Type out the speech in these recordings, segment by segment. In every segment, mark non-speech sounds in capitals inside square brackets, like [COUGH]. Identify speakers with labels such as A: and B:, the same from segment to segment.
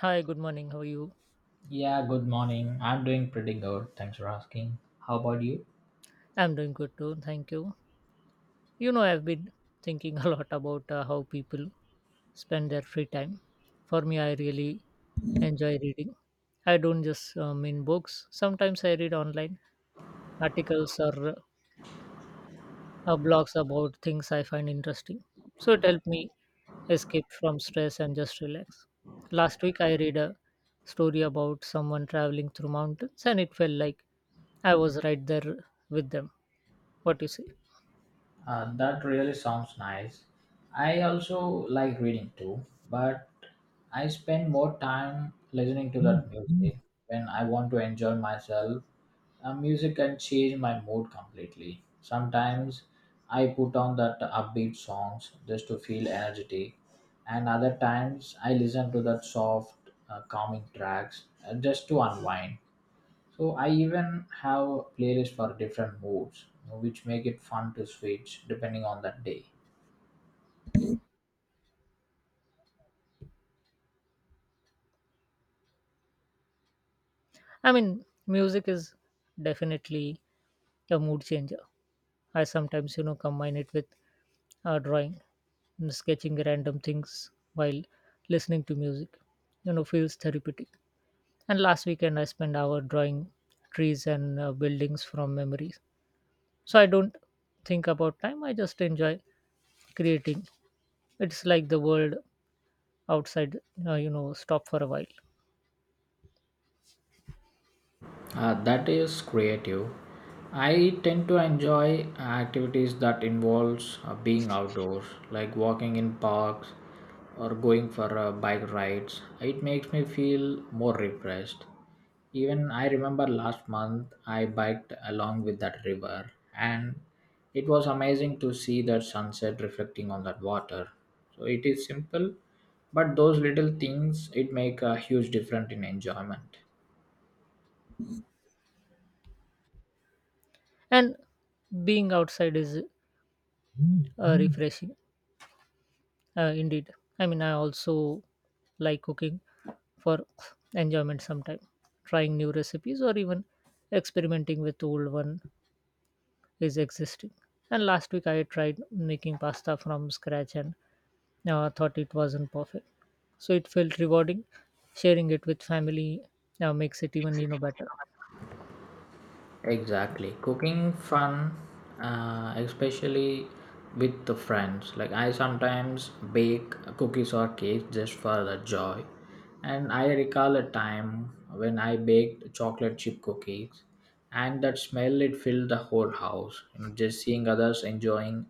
A: Hi, good morning. How are you?
B: Yeah, good morning. I'm doing pretty good. Thanks for asking. How about you?
A: I'm doing good too. Thank you. You know, I've been thinking a lot about how people spend their free time. For me, I really enjoy reading. I don't just mean books. Sometimes I read online articles or blogs about things I find interesting. So it helped me escape from stress and just relax. Last week, I read a story about someone traveling through mountains, and it felt like I was right there with them. What do you say?
B: That really sounds nice. I also like reading too, but I spend more time listening to that music when I want to enjoy myself. Music can change my mood completely. Sometimes I put on that upbeat songs just to feel energetic, and other times I listen to that soft, calming tracks just to unwind. So I even have playlists for different moods, which make it fun to switch depending on that day.
A: I mean, music is definitely a mood changer. I sometimes, you know, combine it with drawing, and sketching random things while listening to music. You know, feels therapeutic. And last weekend, I spent hour drawing trees and buildings from memories. So I don't think about time. I just enjoy creating. It's like the world outside, stop for a while.
B: That is creative. I tend to enjoy activities that involves being outdoors, like walking in parks or going for bike rides. It makes me feel more refreshed. Even I remember last month I biked along with that river, and it was amazing to see that sunset reflecting on that water. So it is simple, but those little things it make a huge difference in enjoyment.
A: And being outside is refreshing. Indeed. I mean, I also like cooking for enjoyment sometime. Trying new recipes or even experimenting with old one is existing. And last week I tried making pasta from scratch and thought it wasn't perfect. So it felt rewarding. Sharing it with family makes it even better.
B: Exactly. Cooking fun, especially with the friends. Like I sometimes bake cookies or cakes just for the joy. And I recall a time when I baked chocolate chip cookies and that smell it filled the whole house. You know, just seeing others enjoying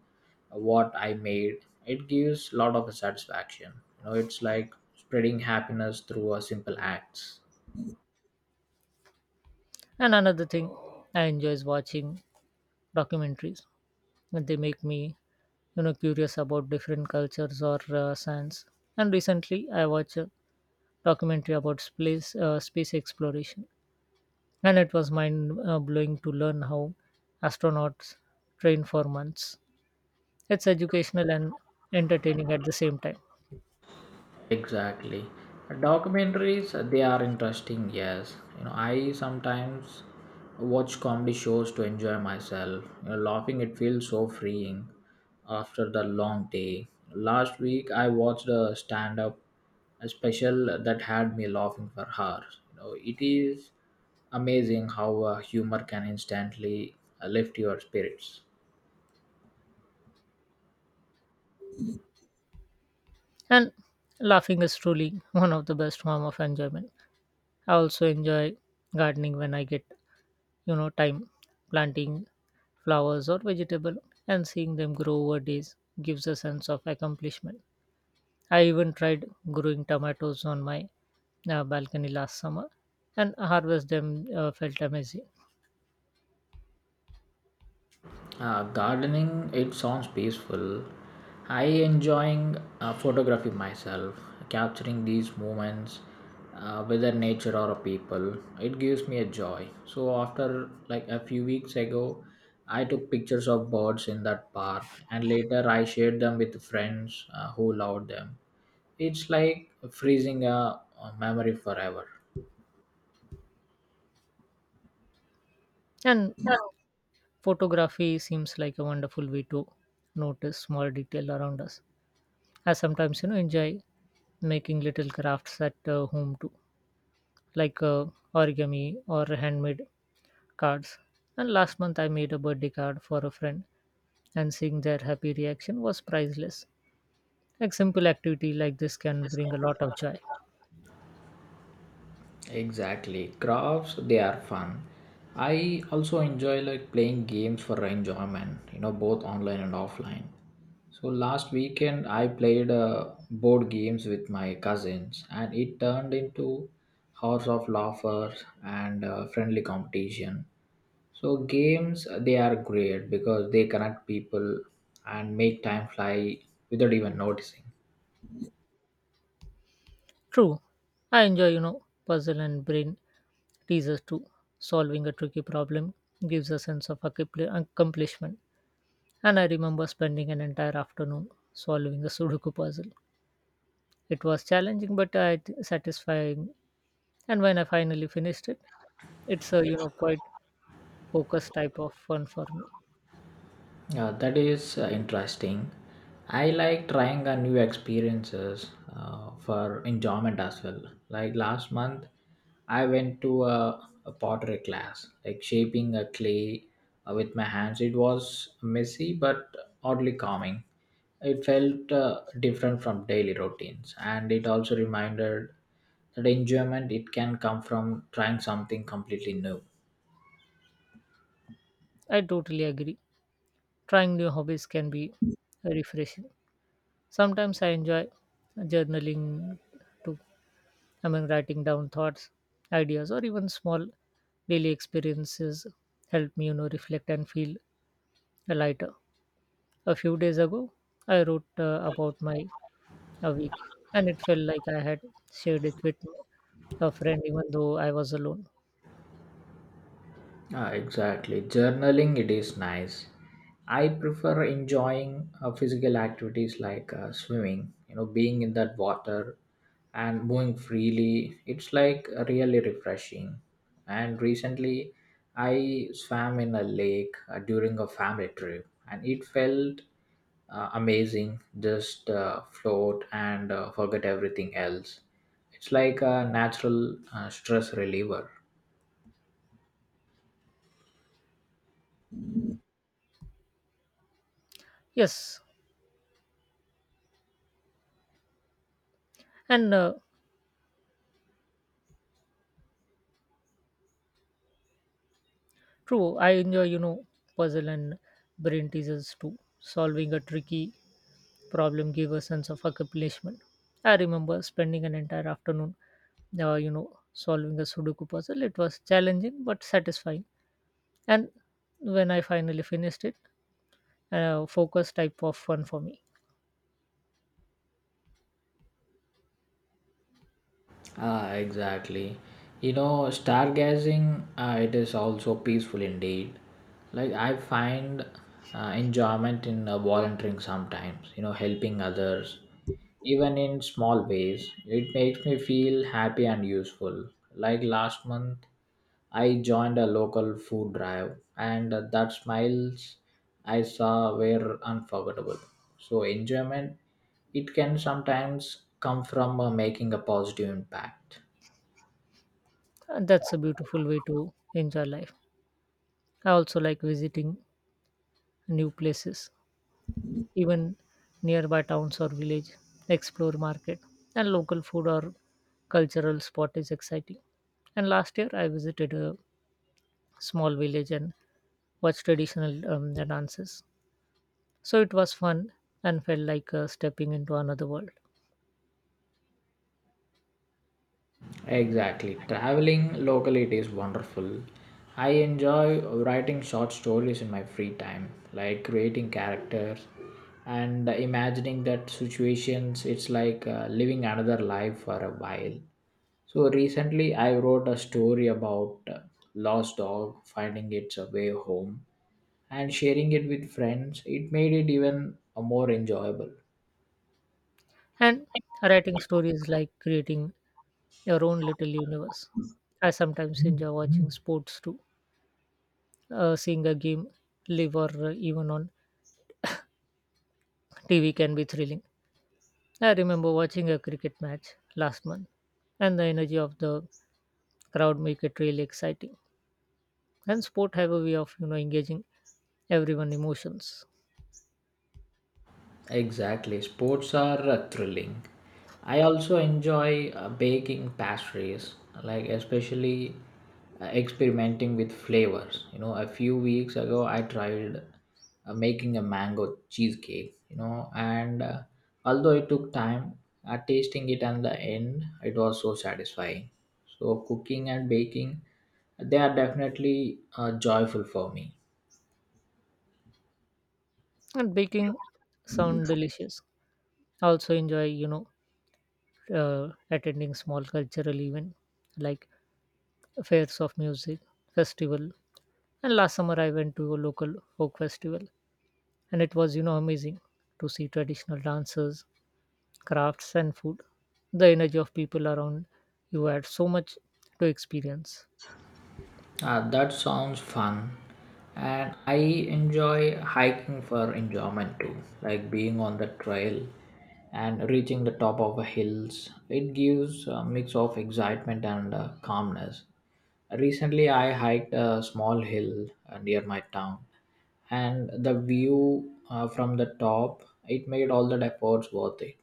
B: what I made, it gives a lot of satisfaction. You know, it's like spreading happiness through a simple acts.
A: And another thing I enjoy is watching documentaries. They make me curious about different cultures or science. And recently I watched documentary about space exploration, and it was mind blowing to learn how astronauts train for months. It's educational and entertaining at the same time,
B: Exactly. Documentaries, they are interesting, yes. You know, I sometimes watch comedy shows to enjoy myself. You know, laughing, it feels so freeing after the long day. Last week, I watched a stand up special that had me laughing for hours. You know, it is amazing how humor can instantly lift your spirits.
A: and laughing is truly [LAUGHS] one of the best form of enjoyment. I also enjoy gardening when I get time planting flowers or vegetable and seeing them grow over days gives a sense of accomplishment. I even tried growing tomatoes on my balcony last summer and harvest them felt amazing.
B: Gardening, it sounds peaceful. I enjoying photography myself, capturing these moments, whether nature or people. It gives me a joy. So after like a few weeks ago, I took pictures of birds in that park, and later I shared them with friends who loved them. It's like freezing a memory forever.
A: And photography seems like a wonderful way to notice small detail around us. I sometimes, you know, enjoy making little crafts at home too, like origami or handmade cards. And last month, I made a birthday card for a friend, and seeing their happy reaction was priceless. Like simple activity like this can bring a lot of joy.
B: Exactly. Crafts, they are fun. I also enjoy like playing games for enjoyment, you know, both online and offline. So last weekend I played board games with my cousins and it turned into hours of laughter and friendly competition. So games they are great because they connect people and make time fly without even noticing.
A: True, I enjoy, you know, puzzle and brain teases too. Solving a tricky problem gives a sense of accomplishment. And I remember spending an entire afternoon solving a Sudoku puzzle. It was challenging, but I satisfying. And when I finally finished it, it's a quite focused type of fun for me.
B: Yeah, that is interesting. I like trying a new experiences for enjoyment as well. Like last month, I went to a pottery class, like shaping a clay with my hands. It was messy but oddly calming. It felt different from daily routines, and it also reminded that enjoyment it can come from trying something completely new.
A: I totally agree. Trying new hobbies can be refreshing. Sometimes I enjoy journaling too, among writing down thoughts, ideas, or even small daily experiences help me, you know, reflect and feel lighter. A few days ago, I wrote about my a week, and it felt like I had shared it with a friend, even though I was alone.
B: Ah, exactly. Journaling, it is nice. I prefer enjoying physical activities like swimming, you know, being in that water and moving freely. It's like really refreshing. And recently, I swam in a lake during a family trip and it felt amazing. Just float and forget everything else. It's like a natural stress reliever.
A: Yes, and true, I enjoy, you know, puzzle and brain teasers too. Solving a tricky problem gave a sense of accomplishment. I remember spending an entire afternoon you know, solving a Sudoku puzzle. It was challenging but satisfying. And when I finally finished it, focus type of fun for me.
B: Ah, exactly. You know, stargazing, it is also peaceful indeed. Like I find enjoyment in volunteering sometimes, you know, helping others, even in small ways. It makes me feel happy and useful. Like last month, I joined a local food drive, and that smiles I saw were unforgettable. So, enjoyment, it can sometimes come from making a positive impact.
A: And that's a beautiful way to enjoy life. I also like visiting new places, even nearby towns or village, explore market, and local food or cultural spot is exciting. And last year, I visited a small village and watched traditional dances. So it was fun and felt like stepping into another world.
B: Exactly. Traveling locally, it is wonderful. I enjoy writing short stories in my free time, like creating characters and imagining that situations. It's like living another life for a while. So recently, I wrote a story about lost dog finding its way home and sharing it with friends. It made it even more enjoyable.
A: And writing stories like creating your own little universe. I sometimes enjoy watching sports too. Seeing a game live or even on TV can be thrilling. I remember watching a cricket match last month, and the energy of the crowd make it really exciting. And sport have a way of engaging everyone emotions.
B: Exactly. Sports are thrilling. I also enjoy baking pastries, like especially experimenting with flavors. You know, a few weeks ago I tried making a mango cheesecake, you know, and although it took time, tasting it and the end, it was so satisfying. So cooking and baking, they are definitely joyful for me.
A: And baking sound delicious. I also enjoy attending small cultural event like fairs of music festival, and last summer I went to a local folk festival, and it was amazing to see traditional dances, crafts, and food. The energy of people around you had so much to experience,
B: Ah, that sounds fun. And I enjoy hiking for enjoyment too, like being on the trail and reaching the top of the hills. It gives a mix of excitement and calmness. Recently, I hiked a small hill near my town, and the view from the top it made all the efforts worth it.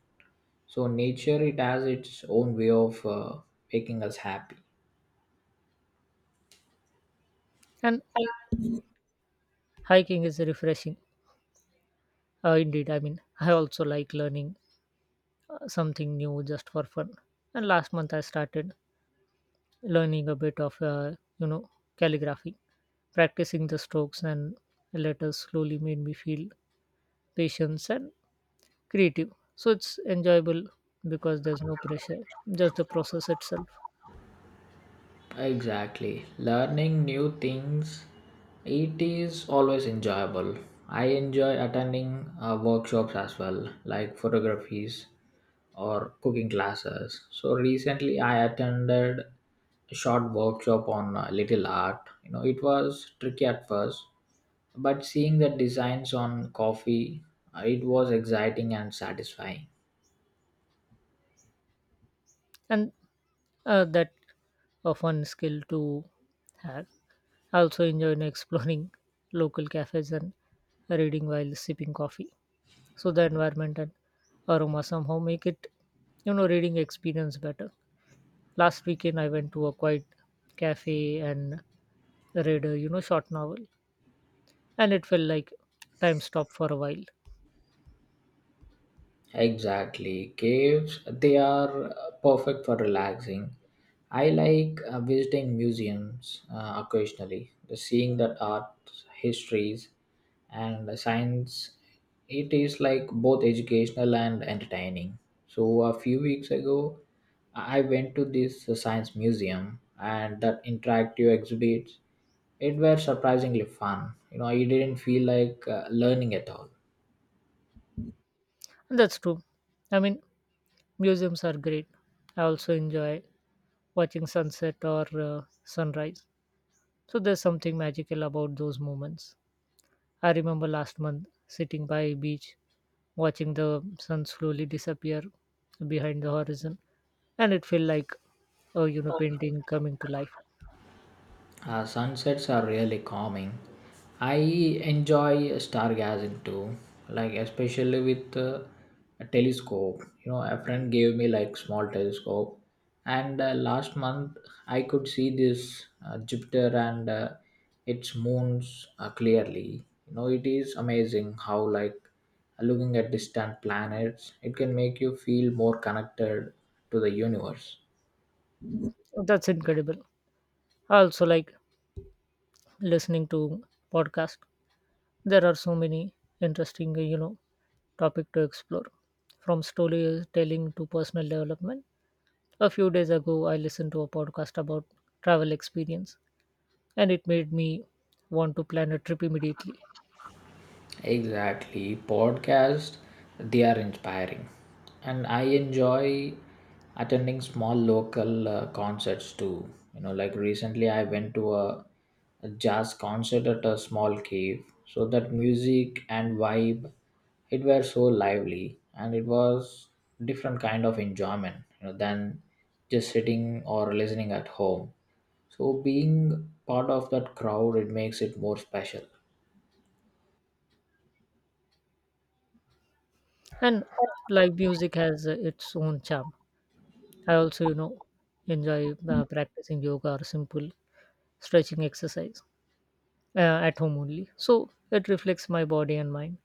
B: So nature it has its own way of making us happy.
A: and hiking is refreshing indeed. I mean, I also like learning something new just for fun, and last month I started learning a bit of you know calligraphy. Practicing the strokes and letters slowly made me feel patience and creative. So it's enjoyable because there's no pressure, just the process itself.
B: Exactly. Learning new things, it is always enjoyable. I enjoy attending workshops as well, like photographies or cooking classes. So recently, I attended a short workshop on little art. You know, it was tricky at first, but seeing the designs on coffee, it was exciting and satisfying.
A: And that a fun skill to have. I also enjoy exploring [LAUGHS] local cafes and reading while sipping coffee. So the environment and aroma somehow make it, you know, reading experience better. Last weekend I went to a quiet cafe and read a short novel, and it felt like time stopped for a while.
B: Exactly. Caves, they are perfect for relaxing. I like visiting museums occasionally, The seeing that art, histories, and the science. It is like both educational and entertaining. So, a few weeks ago, I went to this science museum, and that interactive exhibits, it were surprisingly fun. You know, I didn't feel like learning at all.
A: And that's true. I mean, museums are great. I also enjoy watching sunset or sunrise. So there's something magical about those moments. I remember last month sitting by a beach watching the sun slowly disappear behind the horizon, and it felt like a painting coming to life.
B: Sunsets are really calming. I enjoy stargazing too, like especially with a telescope. You know, a friend gave me like small telescope, and last month I could see this Jupiter and its moons clearly. You know, it is amazing how like looking at distant planets, it can make you feel more connected to the universe.
A: That's incredible. I also like listening to podcast. There are so many interesting topic to explore, from storytelling to personal development. A few days ago, I listened to a podcast about travel experience, and it made me want to plan a trip immediately.
B: Exactly. Podcast, they are inspiring. And I enjoy attending small local concerts too. You know, like recently I went to a jazz concert at a small cave. So that music and vibe, it were so lively and it was different kind of enjoyment, you know, than just sitting or listening at home. So being part of that crowd, it makes it more special.
A: And live music has its own charm. I also, you know, enjoy practicing yoga or simple stretching exercise uh, at home only. So it reflects my body and mind.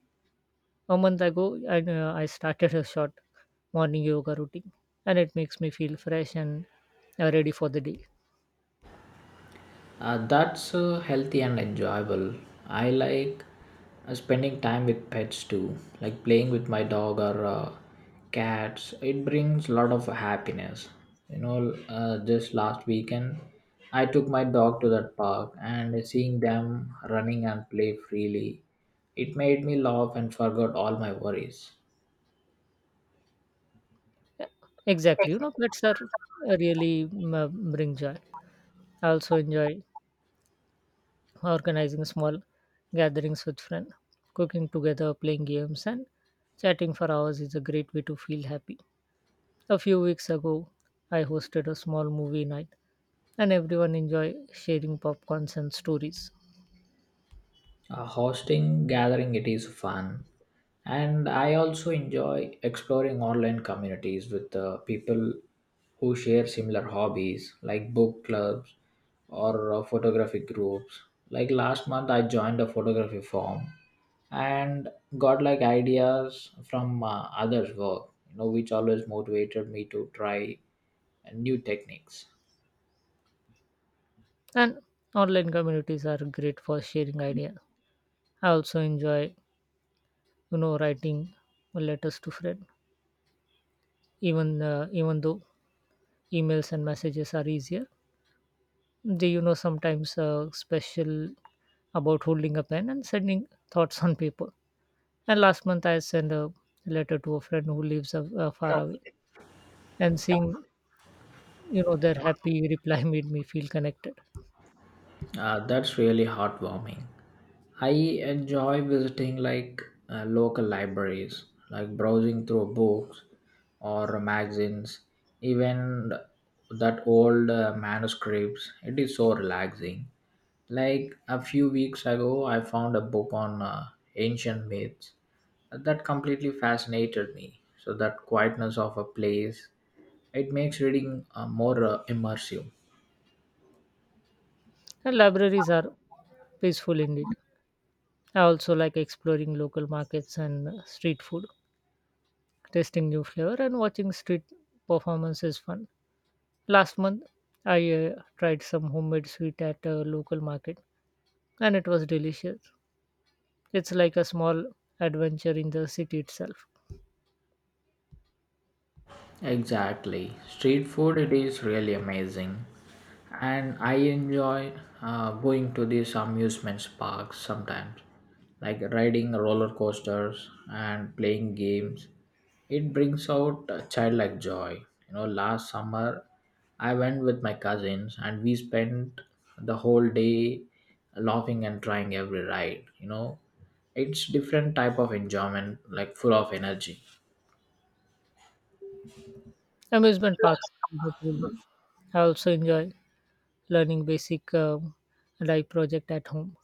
A: A month ago, I started a short morning yoga routine, and it makes me feel fresh and ready for the day.
B: That's healthy and enjoyable. I like spending time with pets too, like playing with my dog or cats. It brings a lot of happiness. Just last weekend, I took my dog to that park and seeing them running and play freely, it made me laugh and forgot all my worries.
A: Yeah, exactly, you know, pets are bring joy. I also enjoy organizing small gatherings with friends. Cooking together, playing games, and chatting for hours is a great way to feel happy. A few weeks ago, I hosted a small movie night, and everyone enjoyed sharing popcorns and stories.
B: Hosting gathering it is fun and I also enjoy exploring online communities with people who share similar hobbies like book clubs or photography groups like last month I joined a photography firm and got like ideas from others work you know which always motivated me to try new techniques
A: And online communities are great for sharing ideas. I also enjoy, you know, writing letters to friends. Even though emails and messages are easier, do you know sometimes special about holding a pen and sending thoughts on paper? And last month I sent a letter to a friend who lives far away, and seeing their happy reply [LAUGHS] made me feel connected.
B: That's really heartwarming. I enjoy visiting like local libraries, like browsing through books or magazines, even that old manuscripts. It is so relaxing. Like a few weeks ago, I found a book on ancient myths that completely fascinated me. So that quietness of a place, it makes reading more immersive.
A: And libraries are peaceful indeed. I also like exploring local markets and street food, tasting new flavor, and watching street performance is fun. Last month I tried some homemade sweet at a local market, and it was delicious. It's like a small adventure in the city itself.
B: Exactly. Street food, it is really amazing. And I enjoy going to these amusement parks sometimes, like riding roller coasters and playing games. It brings out a childlike joy. You know, last summer I went with my cousins and we spent the whole day laughing and trying every ride. You know, it's different type of enjoyment, like full of energy.
A: Amusement parks I also enjoy learning basic life project at home,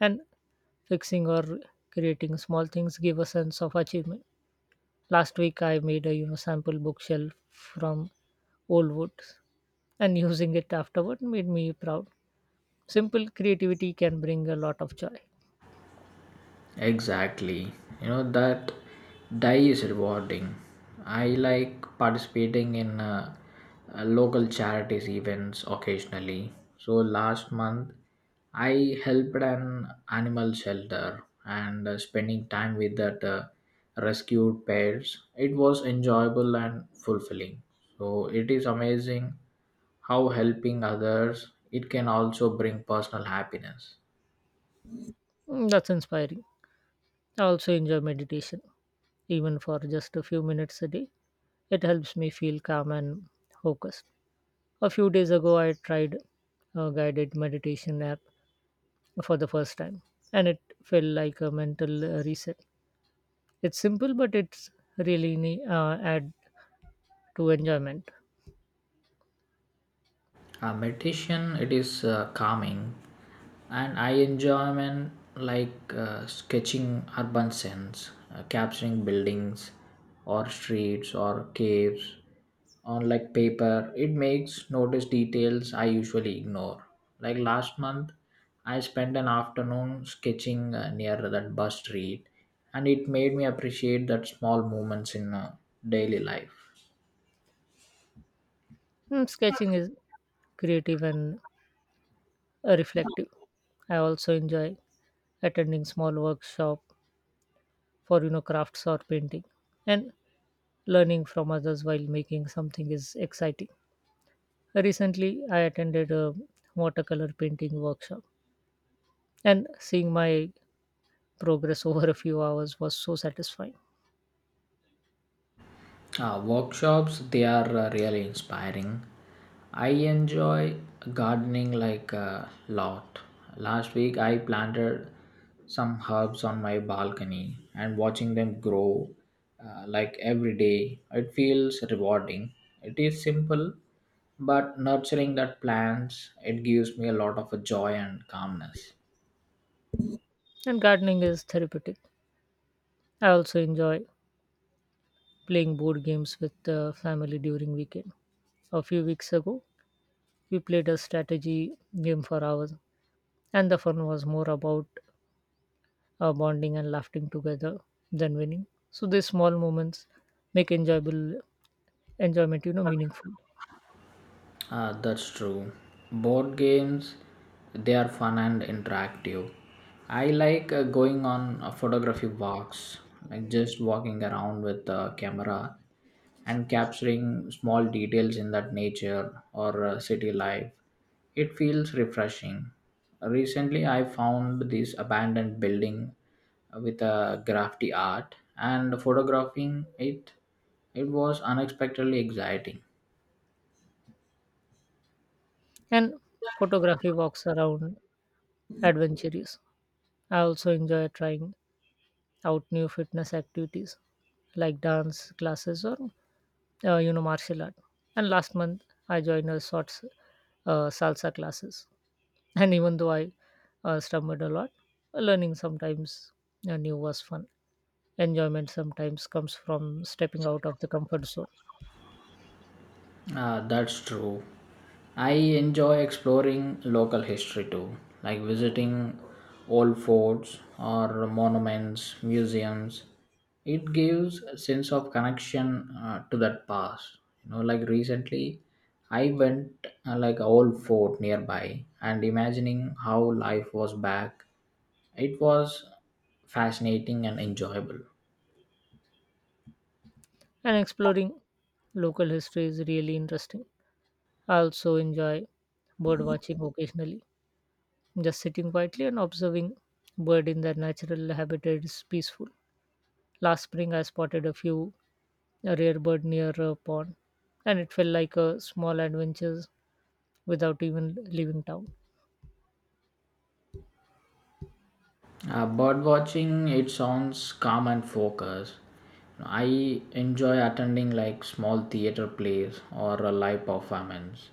A: and fixing or creating small things give a sense of achievement. Last week I made a sample bookshelf from old wood, and using it afterward made me proud. Simple creativity can bring a lot of joy.
B: Exactly. You know, that die is rewarding. I like participating in local charities events occasionally. So, last month I helped an animal shelter and spending time with that rescued pets. It was enjoyable and fulfilling. So, it is amazing how helping others it can also bring personal happiness.
A: That's inspiring. I also enjoy meditation even for just a few minutes a day. It helps me feel calm and focused. A few days ago, I tried a guided meditation app for the first time, and it felt like a mental reset. It's simple, but it's really add to enjoyment.
B: Meditation it is calming, and I enjoyment like sketching urban scenes, capturing buildings, or streets or caves on like paper. It makes notice details I usually ignore. Like last month, I spent an afternoon sketching near that bus street, and it made me appreciate that small moments in daily life.
A: Sketching is creative and reflective. I also enjoy attending small workshop for crafts or painting, and learning from others while making something is exciting. Recently, I attended a watercolor painting workshop, and seeing my progress [LAUGHS] over a few hours was so satisfying.
B: Workshops they are really inspiring. I enjoy gardening like a lot. Last week I planted some herbs on my balcony and watching them grow like every day it feels rewarding. It is simple but nurturing that plants it gives me a lot of joy and calmness.
A: And gardening is therapeutic. I also enjoy playing board games with the family during weekend. A few weeks ago, we played a strategy game for hours, and the fun was more about bonding and laughing together than winning. So these small moments make enjoyable enjoyment, you know, meaningful.
B: That's true. Board games, they are fun and interactive. I like going on a photography walks, like just walking around with the camera and capturing small details in that nature or city life. It feels refreshing. Recently, I found this abandoned building with a graffiti art and photographing it. It was unexpectedly exciting.
A: And photography walks around adventurous. I also enjoy trying out new fitness activities like dance classes or martial art. And last month I joined a short salsa classes. [LAUGHS] And even though I stumbled a lot, learning sometimes new was fun. Enjoyment sometimes comes from stepping out of the comfort zone,
B: Ah, that's true. I enjoy exploring local history too, like visiting old forts or monuments, museums. It gives a sense of connection to that past. You know, like recently, I went like a old fort nearby and imagining how life was back. It was fascinating and enjoyable.
A: and exploring local history is really interesting. I also enjoy bird watching occasionally. Just sitting quietly and observing bird in their natural habitat is peaceful. Last spring, I spotted a rare bird near a pond, and it felt like a small adventure without even leaving town.
B: Bird watching, it sounds calm and focused. I enjoy attending like small theater plays or a live performance.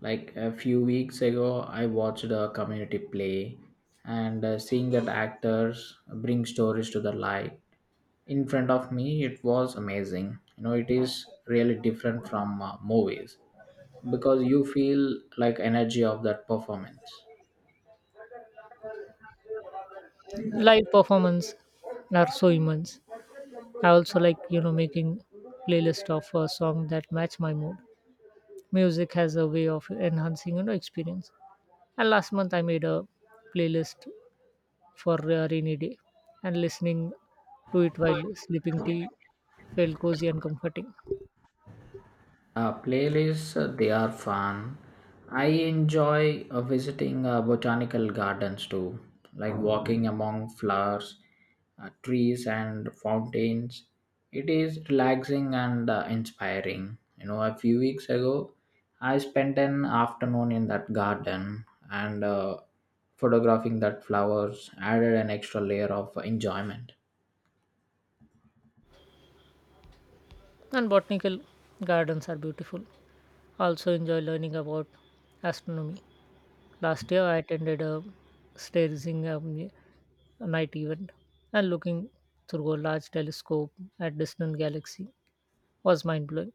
B: Like a few weeks ago, I watched a community play, and seeing that actors bring stories to the light in front of me, it was amazing. You know, it is really different from movies because you feel like energy of that performance.
A: Live performance are so immense. I also like making playlist of a song that match my mood. Music has a way of enhancing experience. And last month, I made a playlist for a rainy day, and listening to it while sleeping tea felt cozy and comforting.
B: Playlists, they are fun. I enjoy visiting botanical gardens too, like walking among flowers, trees, and fountains. It is relaxing and inspiring. You know, a few weeks ago, I spent an afternoon in that garden and photographing that flowers added an extra layer of enjoyment.
A: And botanical gardens are beautiful. Also enjoy learning about astronomy. Last year, I attended a stargazing night event, and looking through a large telescope at distant galaxy was mind blowing.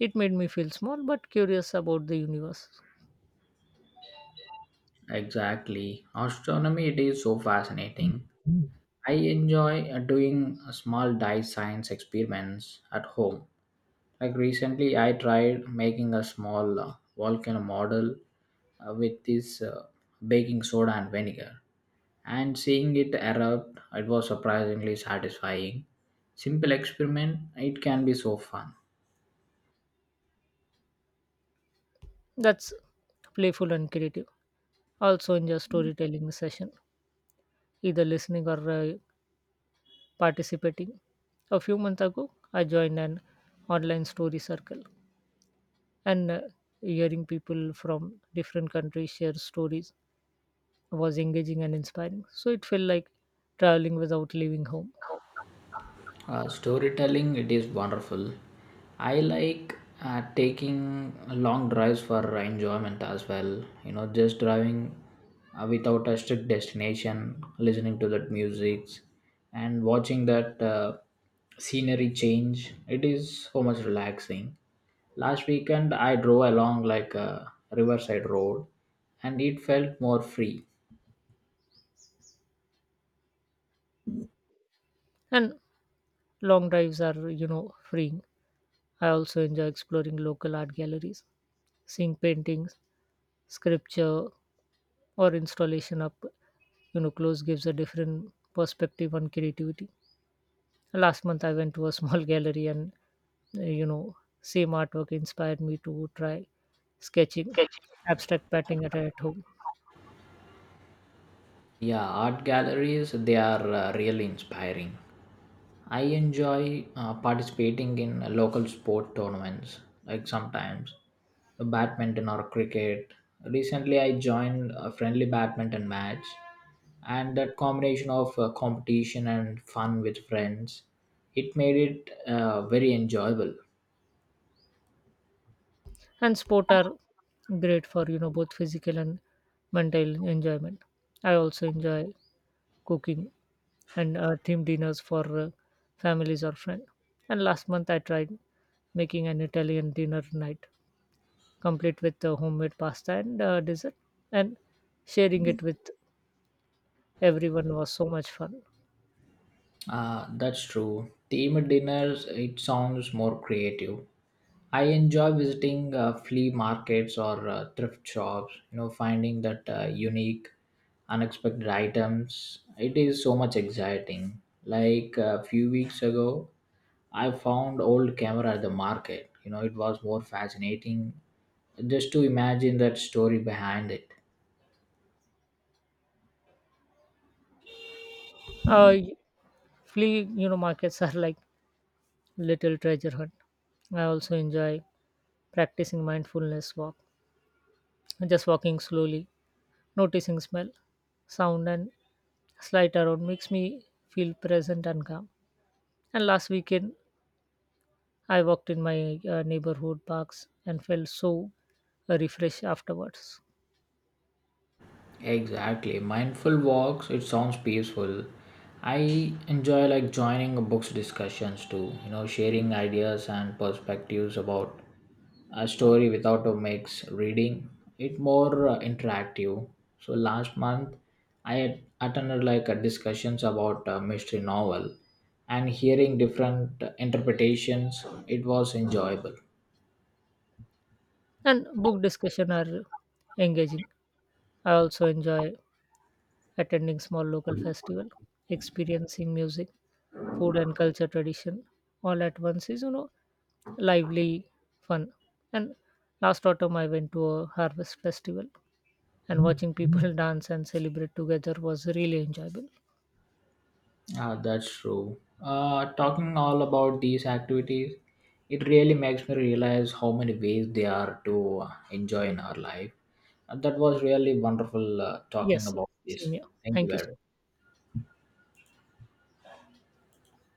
A: It made me feel small but curious about the universe.
B: Exactly. Astronomy, it is so fascinating. I enjoy doing small diet science experiments at home. Like recently, I tried making a small volcano model with this baking soda and vinegar, and seeing it erupt, it was surprisingly satisfying. Simple experiment, it can be so fun.
A: That's playful and creative. Also enjoy storytelling session, either listening or participating. A few months ago, I joined an online story circle, and hearing people from different countries share stories was engaging and inspiring, so it felt like traveling without leaving home.
B: Storytelling it is wonderful I like taking long drives for enjoyment as well you know just driving without a strict destination listening to that music and watching that scenery change it is so much relaxing last weekend I drove along like a riverside road and it felt more free
A: And long drives are freeing. I also enjoy exploring local art galleries. Seeing paintings, sculpture, or installation up close gives a different perspective on creativity. Last month I went to a small [LAUGHS] gallery, and uh, you know same artwork inspired me to try sketching abstract painting at home.
B: yeah art galleries they are really inspiring I enjoy participating in local sport tournaments, like sometimes badminton or cricket. Recently, I joined a friendly badminton match, and that combination of competition and fun with friends, it made it very enjoyable.
A: And sport are great for both physical and mental enjoyment. I also enjoy cooking and theme dinners for families or friends. And last month I tried making an Italian dinner night, complete with homemade pasta and dessert, and sharing it with everyone was so much fun.
B: That's true. Themed dinners, it sounds more creative. I enjoy visiting flea markets or thrift shops, you know, finding that unique, unexpected items. It is so much exciting. Like a few weeks ago, I found old camera at the market. You know, it was more fascinating just to imagine that story behind it.
A: uh, Flea markets are like little treasure hunt. I also enjoy practicing mindfulness walk, just walking slowly. Noticing smell, sound, and slight around makes me feel present and calm. And last weekend, I walked in my neighborhood parks and felt so refreshed afterwards.
B: Exactly. Mindful walks, it sounds peaceful. I enjoy like joining books discussions too, you know, sharing ideas and perspectives about a story without a mix reading. It more interactive. So last month I had attended like a discussions about a mystery novel and hearing different interpretations, it was enjoyable.
A: And book discussion are engaging. I also enjoy attending small local festival, experiencing music, food, and culture tradition all at once is lively fun. And last autumn, I went to a harvest festival, and watching people dance and celebrate together was really enjoyable.
B: Ah, that's true. Talking all about these activities, it really makes me realize how many ways they are to enjoy in our life. And that was really wonderful talking
A: Yes,
B: about
A: same
B: this.
A: here.
B: Thank you
A: Thank you
B: very
A: so
B: much.